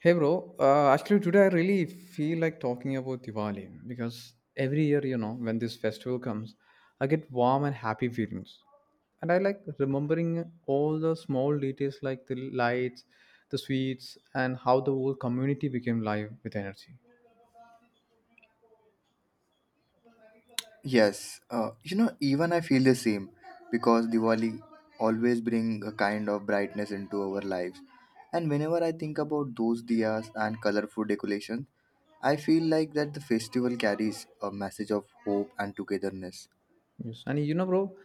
Hey bro, actually today I really feel like talking about Diwali because every year, you know, when this festival comes, I get warm and happy feelings. And I like remembering all the small details like the lights, the sweets, and how the whole community became live with energy. Yes, you know, even I feel the same because Diwali always bring a kind of brightness into our lives. And whenever I think about those diyas and colorful decorations, I feel like that the festival carries a message of hope and togetherness. Yes, and you know, bro,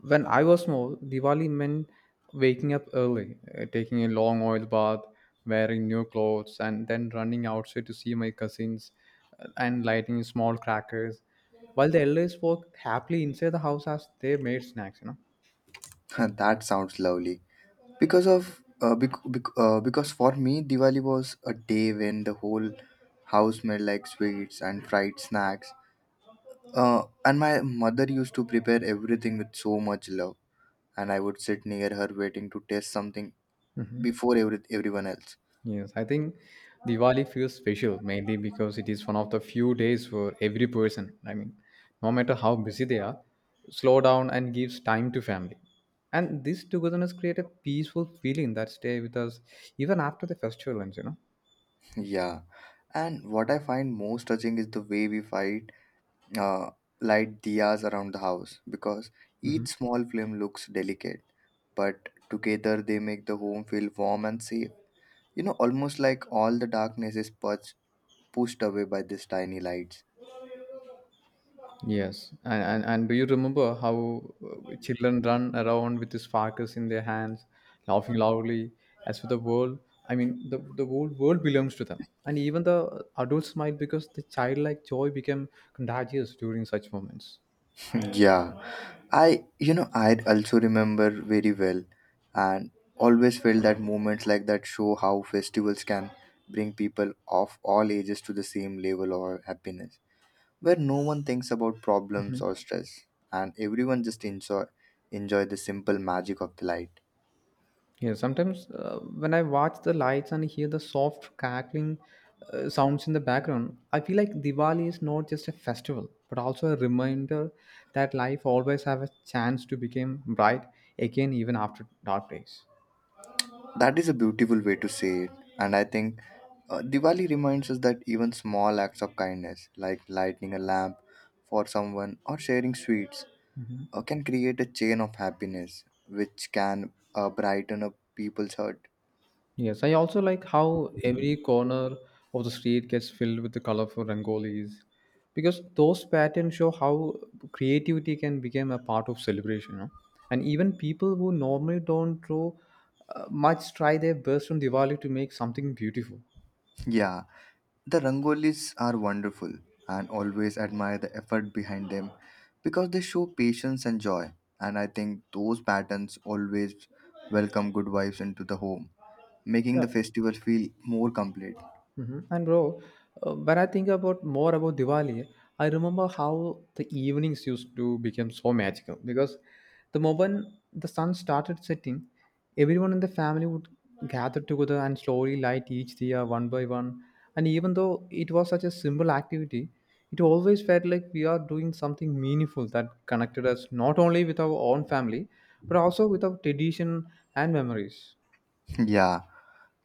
when I was small, Diwali meant waking up early, taking a long oil bath, wearing new clothes, and then running outside to see my cousins and lighting small crackers, while the elders walked happily inside the house as they made snacks, you That sounds lovely. Because of bec- bec- because for me Diwali was a day when the whole house smelled like sweets and fried snacks. And my mother used to prepare everything with so much love, and I would sit near her waiting to taste something know. before everyone else. Yes, I think Diwali feels special mainly because it is one of the few days where every person, I mean, no matter how busy they are, slow down and gives time to family. And this togetherness create a peaceful feeling that stay with us even after the festival ends, you know. Yeah, and what I find most touching is the way we uh, light diyas around the house because Mhm. each small flame looks delicate, but together they make the home feel warm and safe. You know, almost like all the darkness is purged, pushed away by these tiny lights. Yes, and do you remember how children run around with sparkles in their hands, laughing loudly? As for the world, I mean, the whole world belongs to them, and even the adults smile because the childlike joy became contagious during such moments. Yeah, I you know I also remember very well, and always felt that moments like that show how festivals can bring people of all ages to the same level of happiness, where no one thinks about problems or stress, and everyone just enjoy the simple magic of the light. Yeah, sometimes when I watch the lights and hear the soft crackling sounds in the background, I feel like Diwali is not just a festival but also a reminder that life always have a chance to become bright again even after dark days. That is a beautiful way to say it, and I think Diwali reminds us that even small acts of kindness, like lighting a lamp for someone or sharing sweets can create a chain of happiness which can brighten up people's heart. Yes, I also like how every corner of the street gets filled with the colorful rangolis because those patterns show how creativity can become a part of celebration. You know? And even people who normally don't draw much try their best on Diwali to make something beautiful. Yeah, the Rangolis are wonderful and always admire the effort behind them because they show patience and joy. And I think those patterns always welcome good vibes into the home, making the festival feel more complete. Mhm. And bro, when I think about more about Diwali, I remember how the evenings used to become so magical because the moment the sun started setting, everyone in the family would gather together and slowly light each diya one by one. And even though it was such a simple activity, it always felt like we are doing something meaningful that connected us not only with our own family but also with our tradition and memories. Yeah.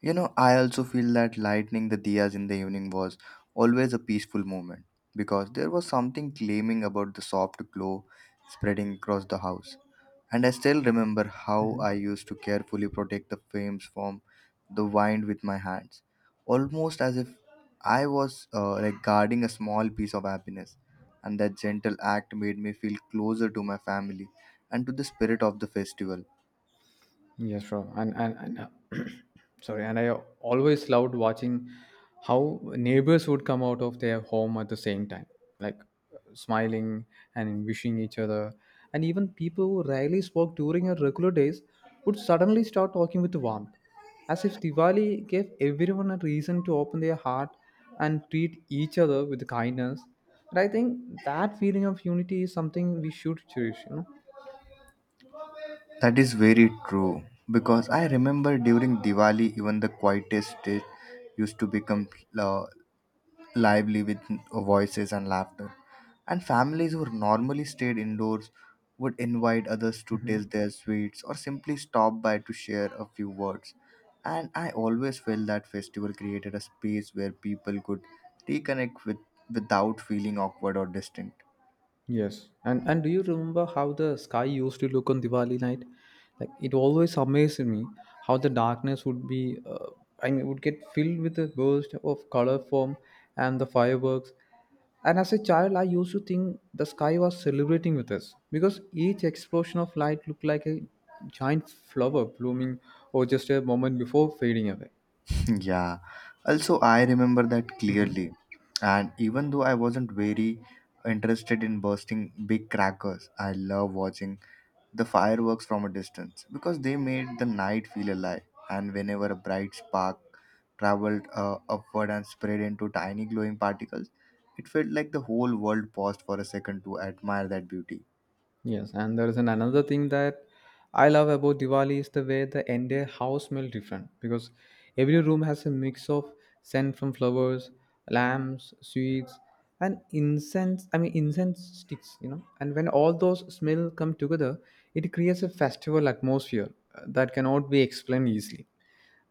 You know, I also feel that lighting the diyas in the evening was always a peaceful moment because there was something claiming about the soft glow spreading across the house. And I still remember how I used to carefully protect the flames from the wind with my hands, almost as if I was like guarding a small piece of happiness. And that gentle act made me feel closer to my family and to the spirit of the festival. Yes, sure. And sorry, and I always loved watching how neighbors would come out of their home at the same time, like smiling and wishing each other. And even people who rarely spoke during our regular days would suddenly start talking with warmth, as if Diwali gave everyone a reason to open their heart and treat each other with kindness. And I think that feeling of unity is something we should cherish, you That is very true because I remember during Diwali, even the quietest day used to become uh, lively with voices and laughter. And families who normally stayed indoors would invite others to taste know. their sweets or simply stop by to share a few words. And I always felt that festival created a space where people could reconnect with without feeling awkward or distant. Yes, and do you remember how the sky used to look on Diwali night? Like it always amazed me how the darkness would be, I mean, would get filled with a burst of color form and the fireworks. And as a child, I used to think the sky was celebrating with us because each explosion of light looked like a giant flower blooming or just a moment before fading away. Yeah. Also, I remember that Mhm. clearly. And even though I wasn't very interested in bursting big crackers, I love watching the fireworks from a distance because they made the night feel alive. And whenever a bright spark traveled upward and spread into tiny glowing particles, it felt like the whole world paused for a second to admire that beauty. Yes, and there is an another thing that I love about Diwali is the way the entire house smells different because every room has a mix of scent from flowers, lamps, sweets, and incense. I mean incense sticks, you know. And when all those smells come together, it creates a festival atmosphere that cannot be explained easily,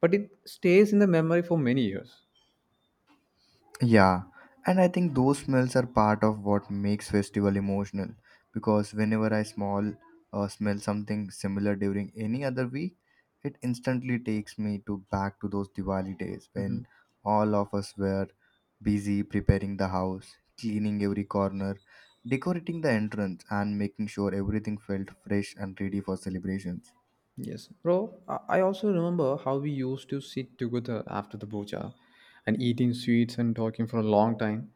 but it stays in the memory for many years. Yeah, and I think those smells are part of what makes festival emotional because whenever I small smell something similar during any other week, it instantly takes me to back to those Diwali days when Mhm. all of us were busy preparing the house, cleaning every corner, decorating the entrance and making sure everything felt fresh and ready for celebrations. Yes, bro. I also remember how we used to sit together after the puja and eating sweets and talking for a long time.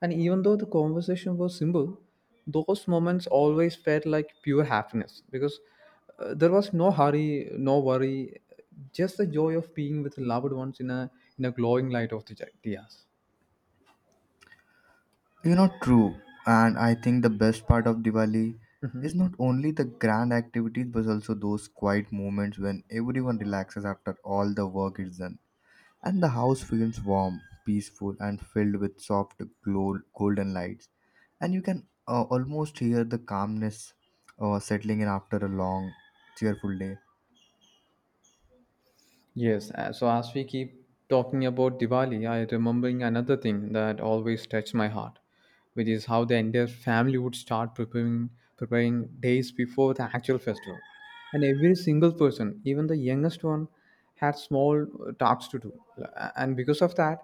And even though the conversation was simple, those moments always felt like pure happiness because there was no hurry, no worry, just the joy of being with loved ones in a glowing light of the diyas. You know, true. And I think the best part of Diwali is not only the grand activities but also those quiet moments when everyone relaxes after all the work is done. And the house feels warm, peaceful, and filled with golden lights. And you can almost hear the calmness settling in after a long, cheerful day. Yes, so as we keep talking about Diwali, I remembering another thing that always touched my heart, which is how the entire family would start preparing days before the actual festival. And every single person, even the youngest one, had small tasks to do. And because of that,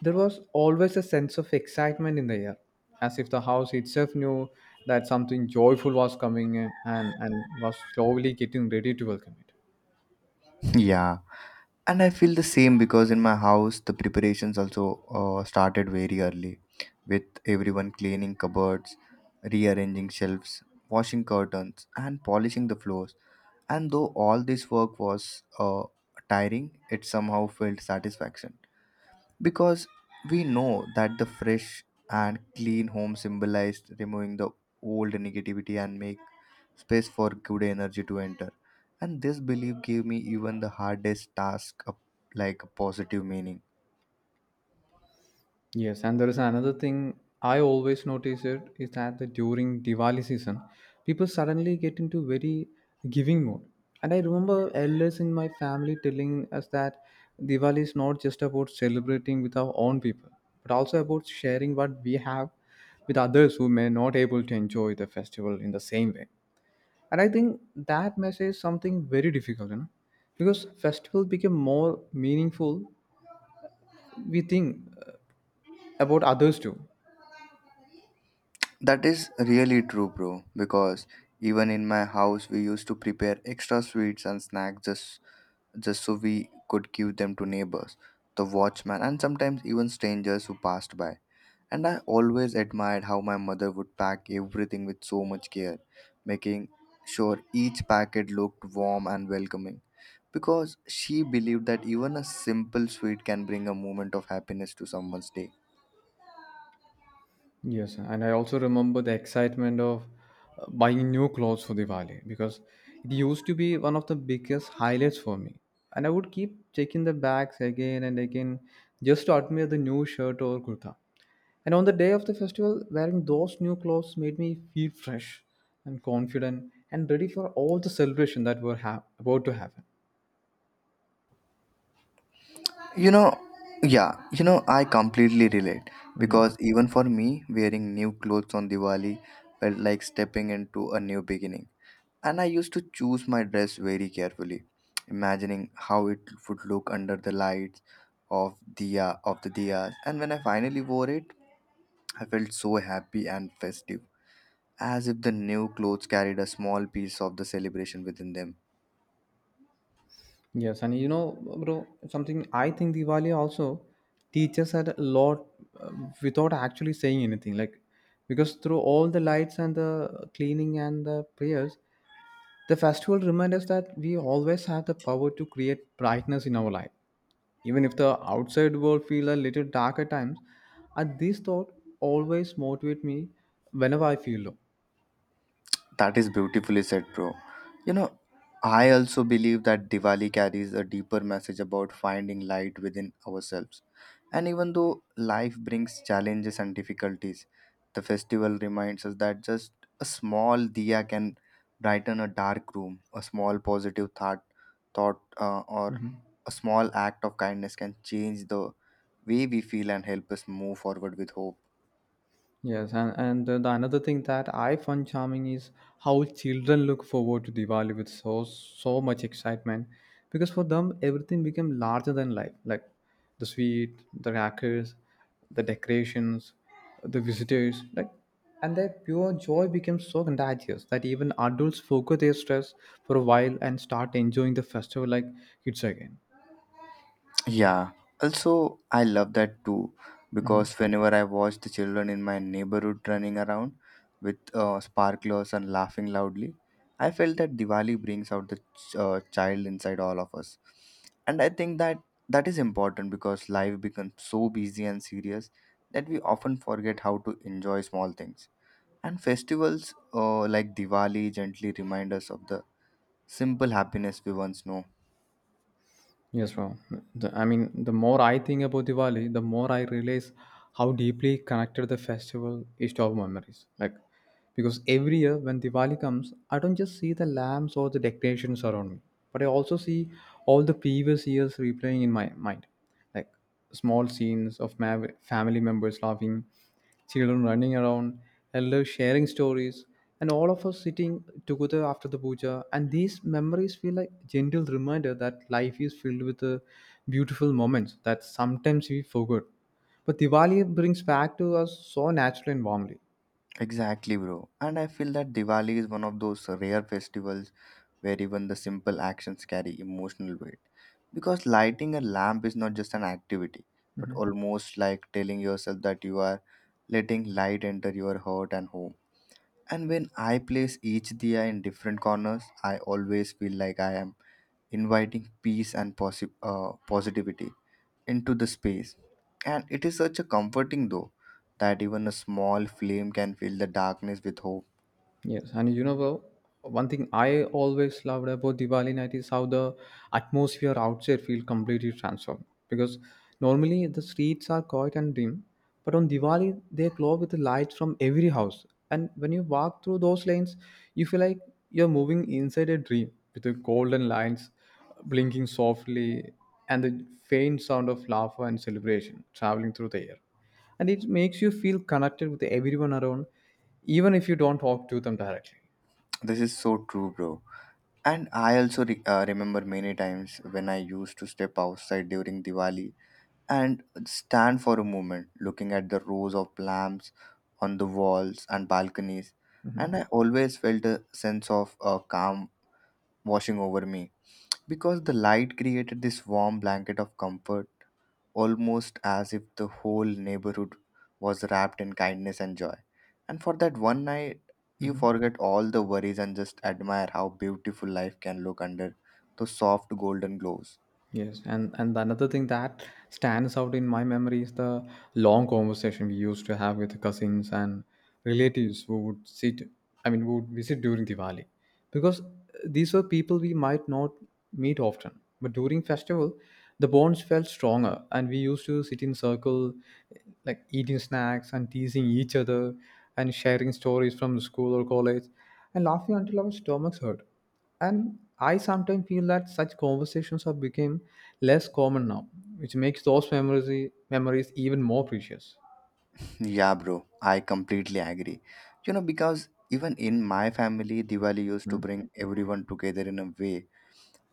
there was always a sense of excitement in the air, as if the house itself knew that something joyful was coming and was slowly getting ready to welcome it. Yeah. And I feel the same because in my house the preparations also started very early with everyone cleaning cupboards, rearranging shelves, washing curtains and polishing the floors. And though all this work was uh, tiring, it somehow felt satisfaction because we know that the fresh and clean home symbolized removing the old negativity and make space for good energy to enter. And this belief gave me even the hardest task a, like a positive meaning. Yes, and there is another thing I always notice it is that the, during Diwali season, people suddenly get into very giving mode. And I remember elders in my family telling us that Diwali is not just about celebrating with our own people, but also about sharing what we have with others who may not able to enjoy the festival in the same way. And I think that message is something very difficult, you know, because festival become more meaningful. We think about others too. That is really true, bro, because even in my house we used to prepare extra sweets and snacks just so we could give them to neighbors, the watchman, and sometimes even strangers who passed by. And I always admired how my mother would pack everything with so much care, making sure each packet looked warm and welcoming. Because she believed that even a simple sweet can bring a moment of happiness to someone's day. Yes, and I also remember the excitement of buying new clothes for Diwali because it used to be one of the biggest highlights for me. And I would keep checking the bags again and again just to admire the new shirt or kurta. And on the day of the festival, wearing those new clothes made me feel fresh and confident and ready for all the celebration that were about to happen. You know, yeah, you know, I completely relate because even for me, wearing new clothes on Diwali felt like stepping into a new beginning. And I used to choose my dress very carefully, imagining how it would look under the lights of diya of the diyas. And when I finally wore it, I felt so happy and festive, as if the new clothes carried a small piece of the celebration within them. Yes, and you know, bro, something I think Diwali also teaches us a lot uh, without actually saying anything. Like, because through all the lights and the cleaning and the prayers, the festival reminds us that we always have the power to create brightness in our life. Even if the outside world feels a little dark at times, and this thought always motivate me whenever I feel low. That is beautifully said, bro. You know, I also believe that Diwali carries a deeper message about finding light within ourselves. And even though life brings challenges and difficulties, the festival reminds us that just a small diya can brighten a dark room, a small positive thought or a small act of kindness can change the way we feel and help us move forward with hope. Yes, and the another thing that I find charming is how children look forward to Diwali with so much excitement, because for them everything became larger than life, like the sweet, the crackers, the decorations, the visitors, like, and their pure joy becomes so contagious that even adults forget their stress for a while and start enjoying the festival like kids again. Yeah, also, I love that too because whenever I watch the children in my neighborhood running around with sparklers and laughing loudly, I felt that Diwali brings out the child inside all of us. And I think that is important because life becomes so busy and serious that we often forget how to enjoy small things. And festivals like Diwali gently remind us of the simple happiness we once know. Yes, bro. I mean, the more I think about Diwali, the more I realize how deeply connected the festival is to our memories. Like, because every year when Diwali comes, I don't just see the lamps or the decorations around me, but I also see all the previous years replaying in my mind. Like small scenes of family members laughing, children running around, elders sharing stories, and all of us sitting together after the puja. And these memories feel like gentle reminder that life is filled with beautiful moments that sometimes we forget. But Diwali brings back to us so naturally and warmly. Exactly, bro. And I feel that Diwali is one of those rare festivals where even the simple actions carry emotional weight. Because lighting a lamp is not just an activity, but Mhm. almost like telling yourself that you are letting light enter your heart and home. And when I place each diya in different corners, I always feel like I am inviting peace and positivity into the space. And it is such a comforting though that even a small flame can fill the darkness with hope. Yes, and you know, well, one thing I always loved about Diwali night is how the atmosphere outside feels completely transformed. Because normally the streets are quiet and dim, but on Diwali they glow with the lights from every house. And when you walk through those lanes, you feel like you're moving inside a dream with the golden lights blinking softly and the faint sound of laughter and celebration traveling through the air, and it makes you feel connected with everyone around even if you don't talk to them directly. This is so true, bro. And I also remember many times when I used to step outside during Diwali and stand for a moment looking at the rows of lamps on the walls and balconies. Mhm. And I always felt a sense of calm washing over me because the light created this warm blanket of comfort, almost as if the whole neighborhood was wrapped in kindness and joy. And for that one night you Mhm. forget all the worries and just admire how beautiful life can look under those soft golden glows. Yes, and the another thing that stands out in my memory is the long conversation we used to have with cousins and relatives who would sit, I mean who would visit during Diwali, because these were people we might not meet often but during festival the bonds felt stronger, and we used to sit in circle, like eating snacks and teasing each other and sharing stories from school or college and laughing until our stomachs hurt. And I sometimes feel that such conversations have become less common now, which makes those memories even more precious. Yeah, bro, I completely agree. You know, because even in my family, Diwali used to Hmm. bring everyone together in a way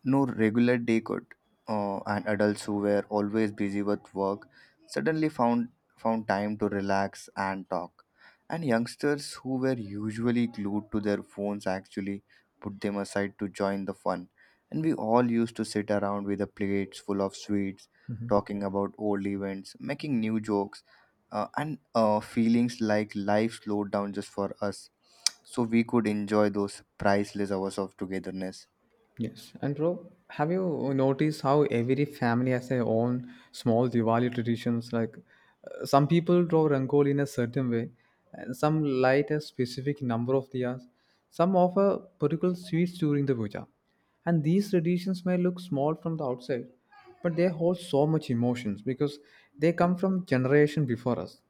no regular day could, and adults who were always busy with work suddenly found time to relax and talk. And youngsters who were usually glued to their phones actually put them aside to join the fun. And we all used to sit around with the plates full of sweets, Mhm. talking about old events, making new jokes, and feelings like life slowed down just for us so we could enjoy those priceless hours of togetherness. Yes, and bro, have you noticed how every family has their own small Diwali traditions? Like, some people draw Rangoli in a certain way, and some light a specific number of diyas, some offer particular sweets during the puja. And these traditions may look small from the outside, but they hold so much emotions because they come from generation before us.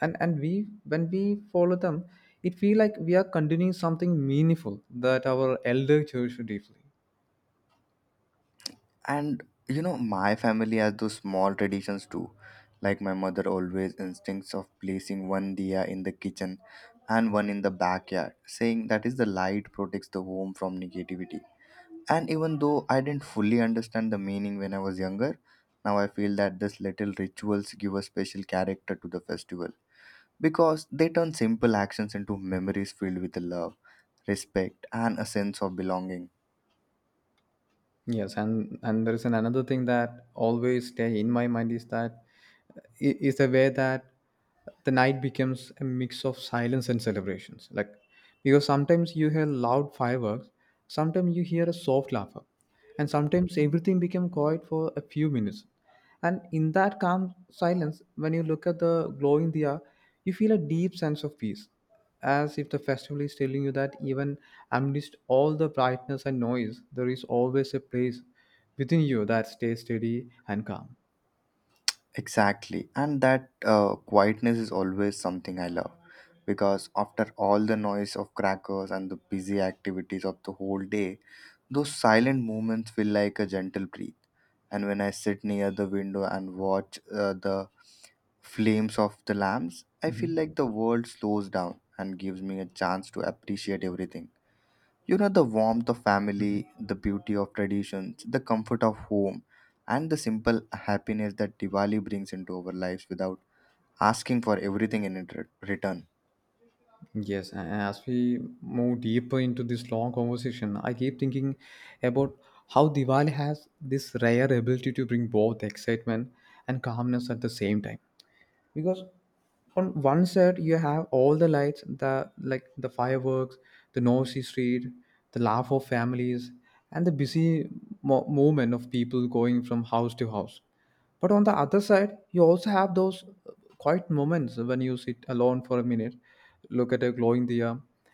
And we when we follow them, it feel like we are continuing something meaningful that our elder cherish deeply. And you know, my family has those small traditions too, like my mother always instincts of placing one diya in the kitchen and one in the backyard, saying that is the light protects the home from negativity. And even though I didn't fully understand the meaning when I was younger, now I feel that these little rituals give a special character to the festival because they turn simple actions into memories filled with love, respect and a sense of belonging. Yes, and there is an another thing that always stay in my mind is i- is the way that the night becomes a mix of silence and celebrations. Like because sometimes you hear loud fireworks, sometimes you hear a soft laughter, and sometimes everything become quiet for a few minutes. And in that calm silence, when you look at the glowing diya, you feel a deep sense of peace, as if the festival is telling you that even amidst all the brightness and noise, there is always a place within you that stays steady and calm. Exactly. And that quietness is always something I love because after all the noise of crackers and the busy activities of the whole day, those silent moments feel like a gentle breath. And when I sit near the window and watch the flames of the lamps, I feel Mhm. like the world slows down and gives me a chance to appreciate everything. You know, the warmth of Mhm. family, the beauty of traditions, the comfort of home, and the simple happiness that Diwali brings into our lives without asking for everything in return. Yes, and as we move deeper into this long conversation, I keep thinking about how Diwali has this rare ability to bring both excitement and calmness at the same time. Because on one side you have all the lights, the like the fireworks, the noisy street, the laugh of families, and the busy movement of people going from house to house. But on the other side you also have those quiet moments when you sit alone for a minute, look at a glowing diya,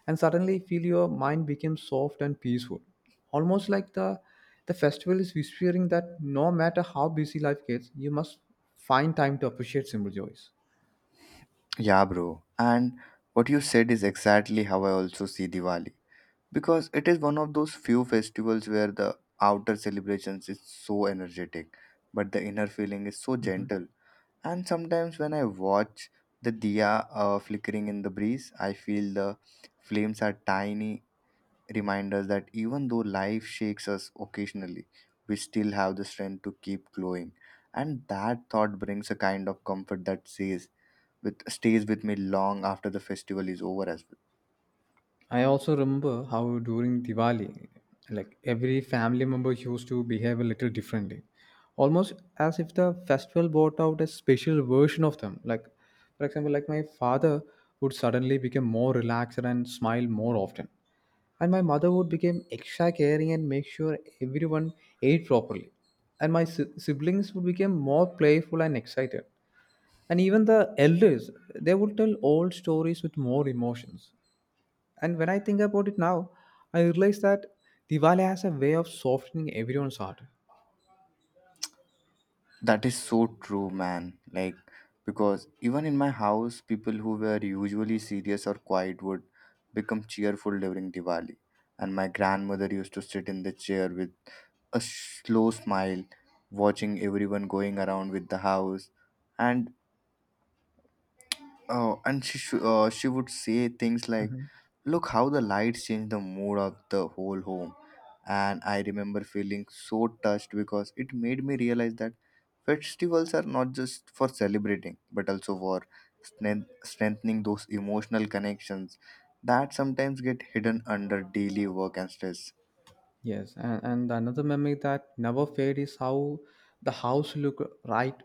and suddenly feel your mind becomes soft and peaceful, almost like the festival is whispering that no matter how busy life gets, you must find time to appreciate simple joys. Yeah, bro. And what you said is exactly how I also see Diwali. Because it is one of those few festivals where the outer celebrations is so energetic, but the inner feeling is so gentle. And sometimes when I watch the diya flickering in the breeze, I feel the flames are tiny remind us that even though life shakes us occasionally, we still have the strength to keep glowing. And that thought brings a kind of comfort that says with stays with me long after the festival is over as well. I also remember how during Diwali, like, every family member used to behave a little differently, almost as if the festival brought out a special version of them. Like, for example, like, my father would suddenly become more relaxed and smile more often, and my mother would become extra caring and make sure everyone ate properly, and my siblings would become more playful and excited. And even the elders, they would tell old stories with more emotions. And when I think about it now, I realize that Diwali has a way of softening everyone's heart. That is so true, man. Like because even in my house, people who were usually serious or quiet would become cheerful during Diwali. And my grandmother used to sit in the chair with a slow smile, watching everyone going around with the house. And oh, and she would say things like, Mhm. "Look how the lights change the mood of the whole home," and I remember feeling so touched because it made me realize that festivals are not just for celebrating, but also for strengthening those emotional connections that sometimes get hidden under daily work and stress. Yes, and another memory that never fades is how the house looked right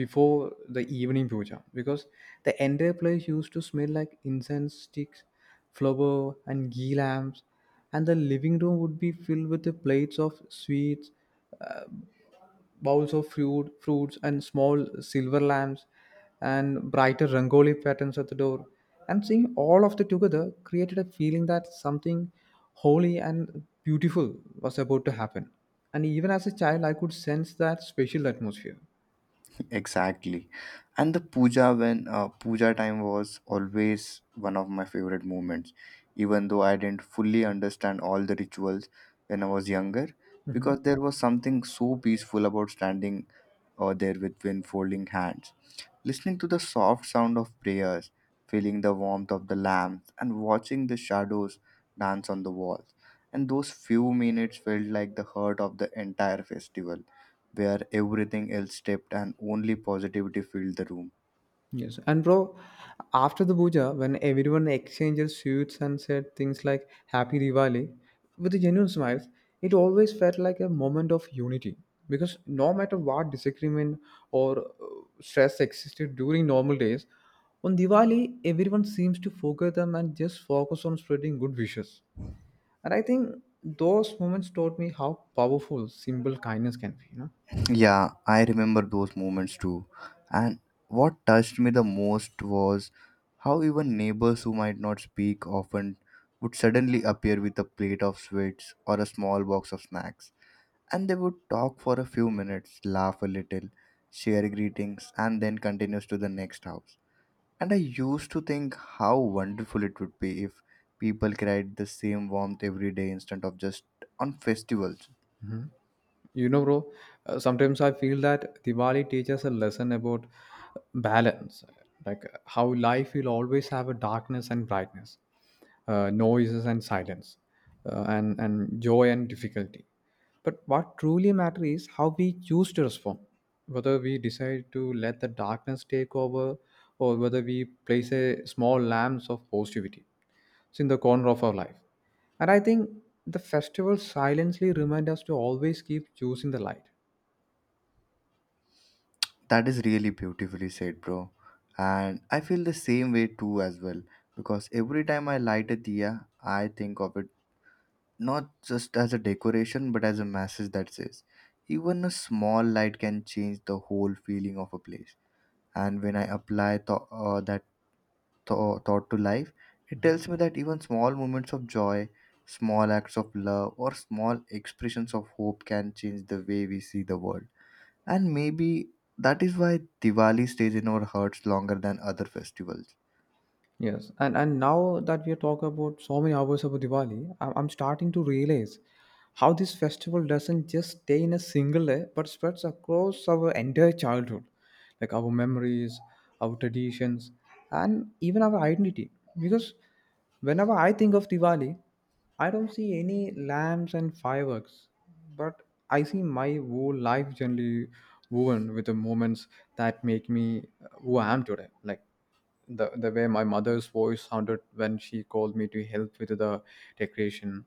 before the evening puja, because the entire place used to smell like incense sticks, flower, and ghee lamps, and the living room would be filled with the plates of sweets, bowls of fruit, fruits, and small silver lamps, and brighter rangoli patterns at the door. And seeing all of that together created a feeling that something holy and beautiful was about to happen. And even as a child, I could sense that special atmosphere. Exactly. And the puja when puja time was always one of my favorite moments, even though I didn't fully understand all the rituals when I was younger, Mhm. because there was something so peaceful about standing there with wind folding hands, listening to the soft sound of prayers, feeling the warmth of the lamps, and watching the shadows dance on the walls. And those few minutes felt like the heart of the entire festival where everything else stepped and only positivity filled the room. Yes, and bro, after the puja, when everyone exchanges sweets and said things like "Happy Diwali" with a genuine smile, it always felt like a moment of unity. Because no matter what disagreement or stress existed during normal days, on Diwali everyone seems to forget them and just focus on spreading good wishes. And I think those moments taught me how powerful simple kindness can be, you know. Yeah, I remember those moments too. And what touched me the most was how even neighbors who might not speak often would suddenly appear with a plate of sweets or a small box of snacks. And they would talk for a few minutes, laugh a little, share greetings, and then continues to the next house. And I used to think how wonderful it would be if people carried the same warmth every day instead of just on festivals. You know, bro, sometimes I feel that Diwali teaches a lesson about balance, like, how life will always have a darkness and brightness, noises and silence, and joy and difficulty. But what truly matters is how we choose to respond, whether we decide to let the darkness take over, or whether we place a small lamps of positivity it's in the corner of our life. And I think the festivals silently remind us to always keep choosing the light. That is really beautifully said, bro. And I feel the same way too as well because every time I light a diya, I think of it not just as a decoration but as a message that says even a small light can change the whole feeling of a place. And when I apply that thought to life. It tells me that even small moments of joy, small acts of love, or small expressions of hope can change the way we see the world. And maybe that is why Diwali stays in our hearts longer than other festivals. Yes, and now that we are talking about so many hours about Diwali, I'm starting to realize how this festival doesn't just stay in a single day, but spreads across our entire childhood, like our memories, our traditions, and even our identity. Because whenever I think of Diwali, I don't see any lamps and fireworks, but I see my whole life generally woven with the moments that make me who I am today. Like the way my mother's voice sounded when she called me to help with the decoration,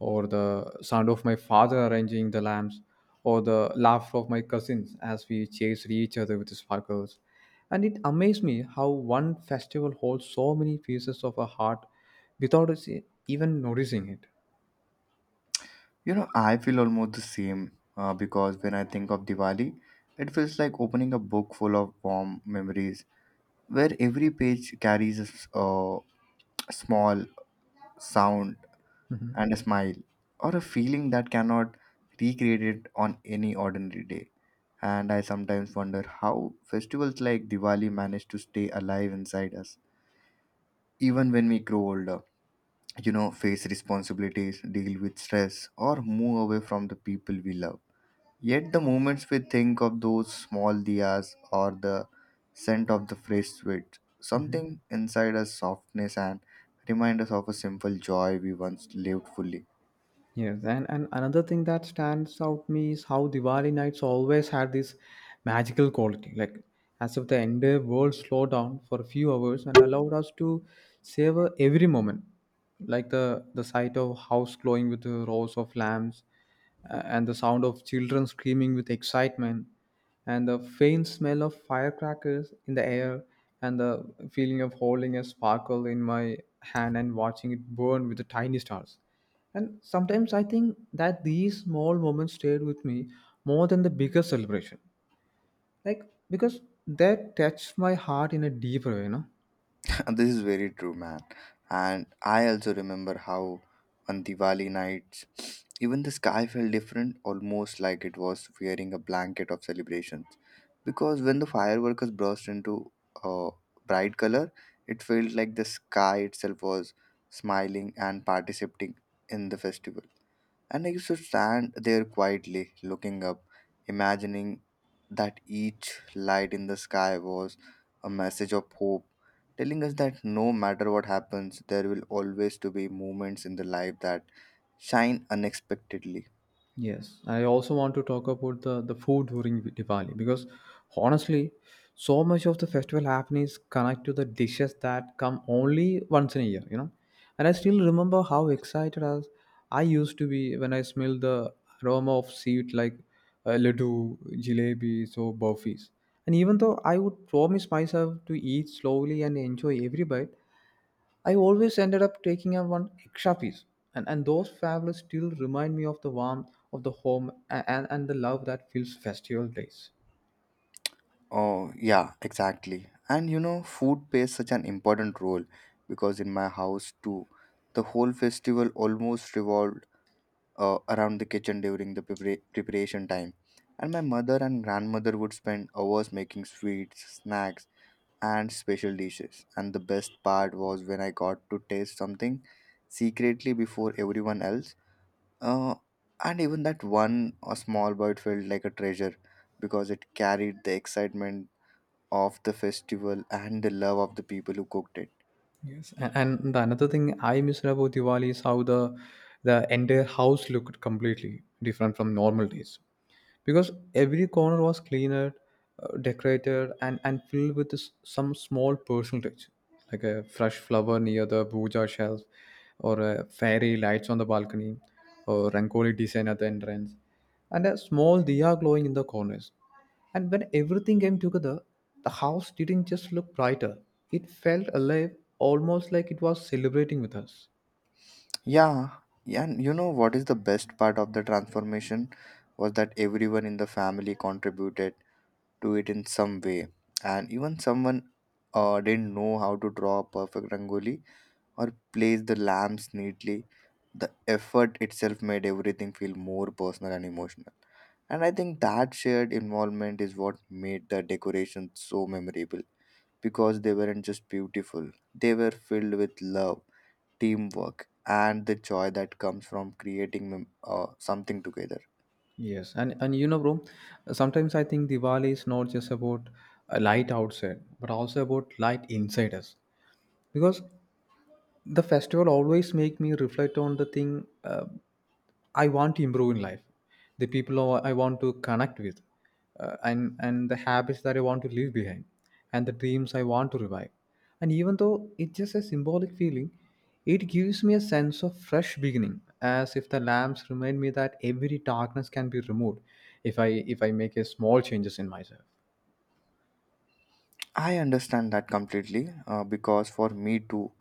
or the sound of my father arranging the lamps, or the laughter of my cousins as we chased each other with the sparkles. And it amazed me how one festival holds so many pieces of a heart without us even noticing it. You know, I feel almost the same because when I think of Diwali, it feels like opening a book full of warm memories where every page carries a small sound and a smile, or a feeling that cannot recreated on any ordinary day. And I sometimes wonder how festivals like Diwali manage to stay alive inside us, even when we grow older. You know, face responsibilities, deal with stress, or move away from the people we love. Yet the moments we think of those small diyas or the scent of the fresh sweet, something inside us softness and remind us of a simple joy we once lived fully. Yes, and another thing that stands out me is how Diwali nights always had this magical quality, like as if the entire world slowed down for a few hours and allowed us to savor every moment, like the sight of house glowing with the rows of lamps, and the sound of children screaming with excitement, and the faint smell of firecrackers in the air, and the feeling of holding a sparkle in my hand and watching it burn with the tiny stars. And sometimes I think that these small moments stayed with me more than the bigger celebration. Like, because they touched my heart in a deeper way, you know. This is very true, man. And I also remember how on Diwali nights, even the sky felt different, almost like it was wearing a blanket of celebrations. Because when the fireworks burst into a bright color, it felt like the sky itself was smiling and participating in the festival. And I used to stand there quietly, looking up, imagining that each light in the sky was a message of hope, telling us that no matter what happens, there will always to be moments in the life that shine unexpectedly. Yes, I also want to talk about the food during Diwali because honestly, so much of the festival happening is connected to the dishes that come only once in a year, you know. And I still remember how excited as I used to be when I smelled the aroma of sweet like laddu, jalebis, or burfis. And even though I would promise myself to eat slowly and enjoy every bite, I always ended up taking out one extra piece, and, those favors still remind me of the warmth of the home, and, and the love that fills festival days. Oh, yeah, exactly. And you know, food plays such an important role because in my house too, the whole festival almost revolved around the kitchen during the preparation time. And my mother and grandmother would spend hours making sweets, snacks, and special dishes. And the best part was when I got to taste something secretly before everyone else. Uh, and even that one a small bite felt like a treasure because it carried the excitement of the festival and the love of the people who cooked it. Yes, and the another thing I miss about Diwali is how the entire house looked completely different from normal days, because every corner was cleaner, decorated, and filled with this, some small personal touch, like a fresh flower near the puja shelf, or a fairy lights on the balcony, or rangoli design at the entrance, and a small diya glowing in the corners. And when everything came together, the house didn't just look brighter, it felt alive, almost like it was celebrating with us. Yeah, yeah, and you know what is the best part of the transformation was that everyone in the family contributed to it in some way, and even someone didn't know how to draw a perfect rangoli or place the lamps neatly. The effort itself made everything feel more personal and emotional, and I think that shared involvement is what made the decorations so memorable because they weren't just beautiful; they were filled with love teamwork, and the joy that comes from creating something together. Yes, and you know, bro, sometimes I think Diwali is not just about a light outside, but also about light inside us. Because the festival always make me reflect on the thing, I want to improve in life, the people who I want to connect with, and the habits that I want to leave behind, and the dreams I want to revive. And even though it's just a symbolic feeling, it gives me a sense of fresh beginning, as if the lamps remind me that every darkness can be removed if I if I make a small changes in myself. I understand that completely because for me too,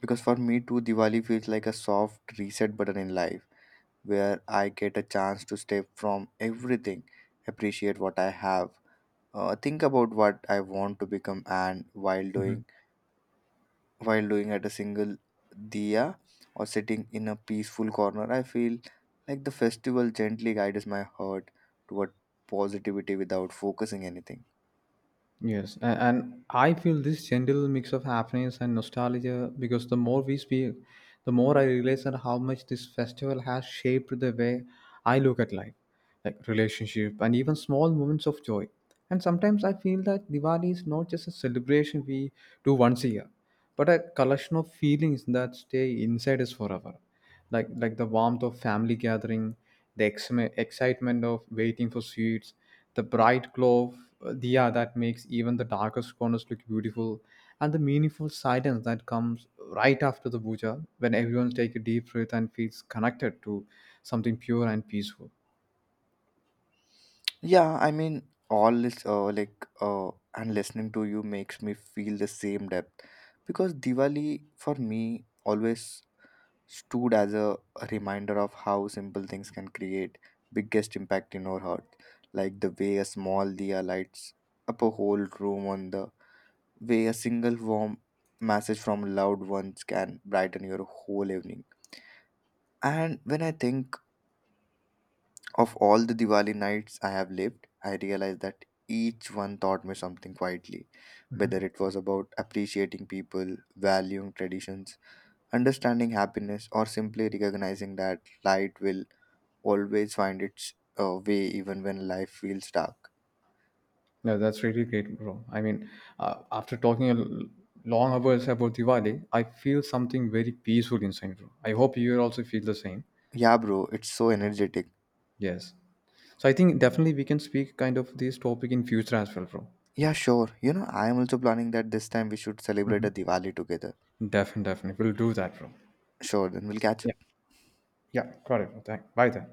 because for me too, Diwali feels like a soft reset button in life where I get a chance to step from everything, appreciate what I have, think about what I want to become, and while Mm-hmm. doing while doing at a single diya or sitting in a peaceful corner, I feel like the festival gently guides my heart toward positivity without focusing anything. Yes, and I feel this gentle mix of happiness and nostalgia, because the more we speak, the more I realize that how much this festival has shaped the way I look at life, like relationship and even small moments of joy. And sometimes I feel that Diwali is not just a celebration we do once a year, but a collection of feelings that stay inside us forever, like the warmth of family gathering, the excitement of waiting for sweets, the bright glow of diya that makes even the darkest corners look beautiful, and the meaningful silence that comes right after the puja when everyone takes a deep breath and feels connected to something pure and peaceful. Yeah, I mean, and listening to you makes me feel the same depth because Diwali for me always stood as a reminder of how simple things can create biggest impact in our heart, like the way a small diya lights up a whole room on the way a single warm message from loved ones can brighten your whole evening. And when I think of all the Diwali nights I have lived, I realize that each one taught me something quietly, whether it was about appreciating people, valuing traditions, understanding happiness, or simply recognizing that light will always find its way even when life feels dark. Yeah, that's really great, bro. I mean, after talking a long hours about Diwali, I feel something very peaceful inside, bro. I hope you also feel the same. Yeah, bro, it's so energetic. Yes. So I think definitely we can speak kind of this topic in future as well, bro. Yeah, sure. You know, I am also planning that this time we should celebrate a Diwali together. Definitely, definitely. We'll do that, bro. Sure, then we'll catch up. Yeah. Yeah. Got it, bro. Thank. Bye then.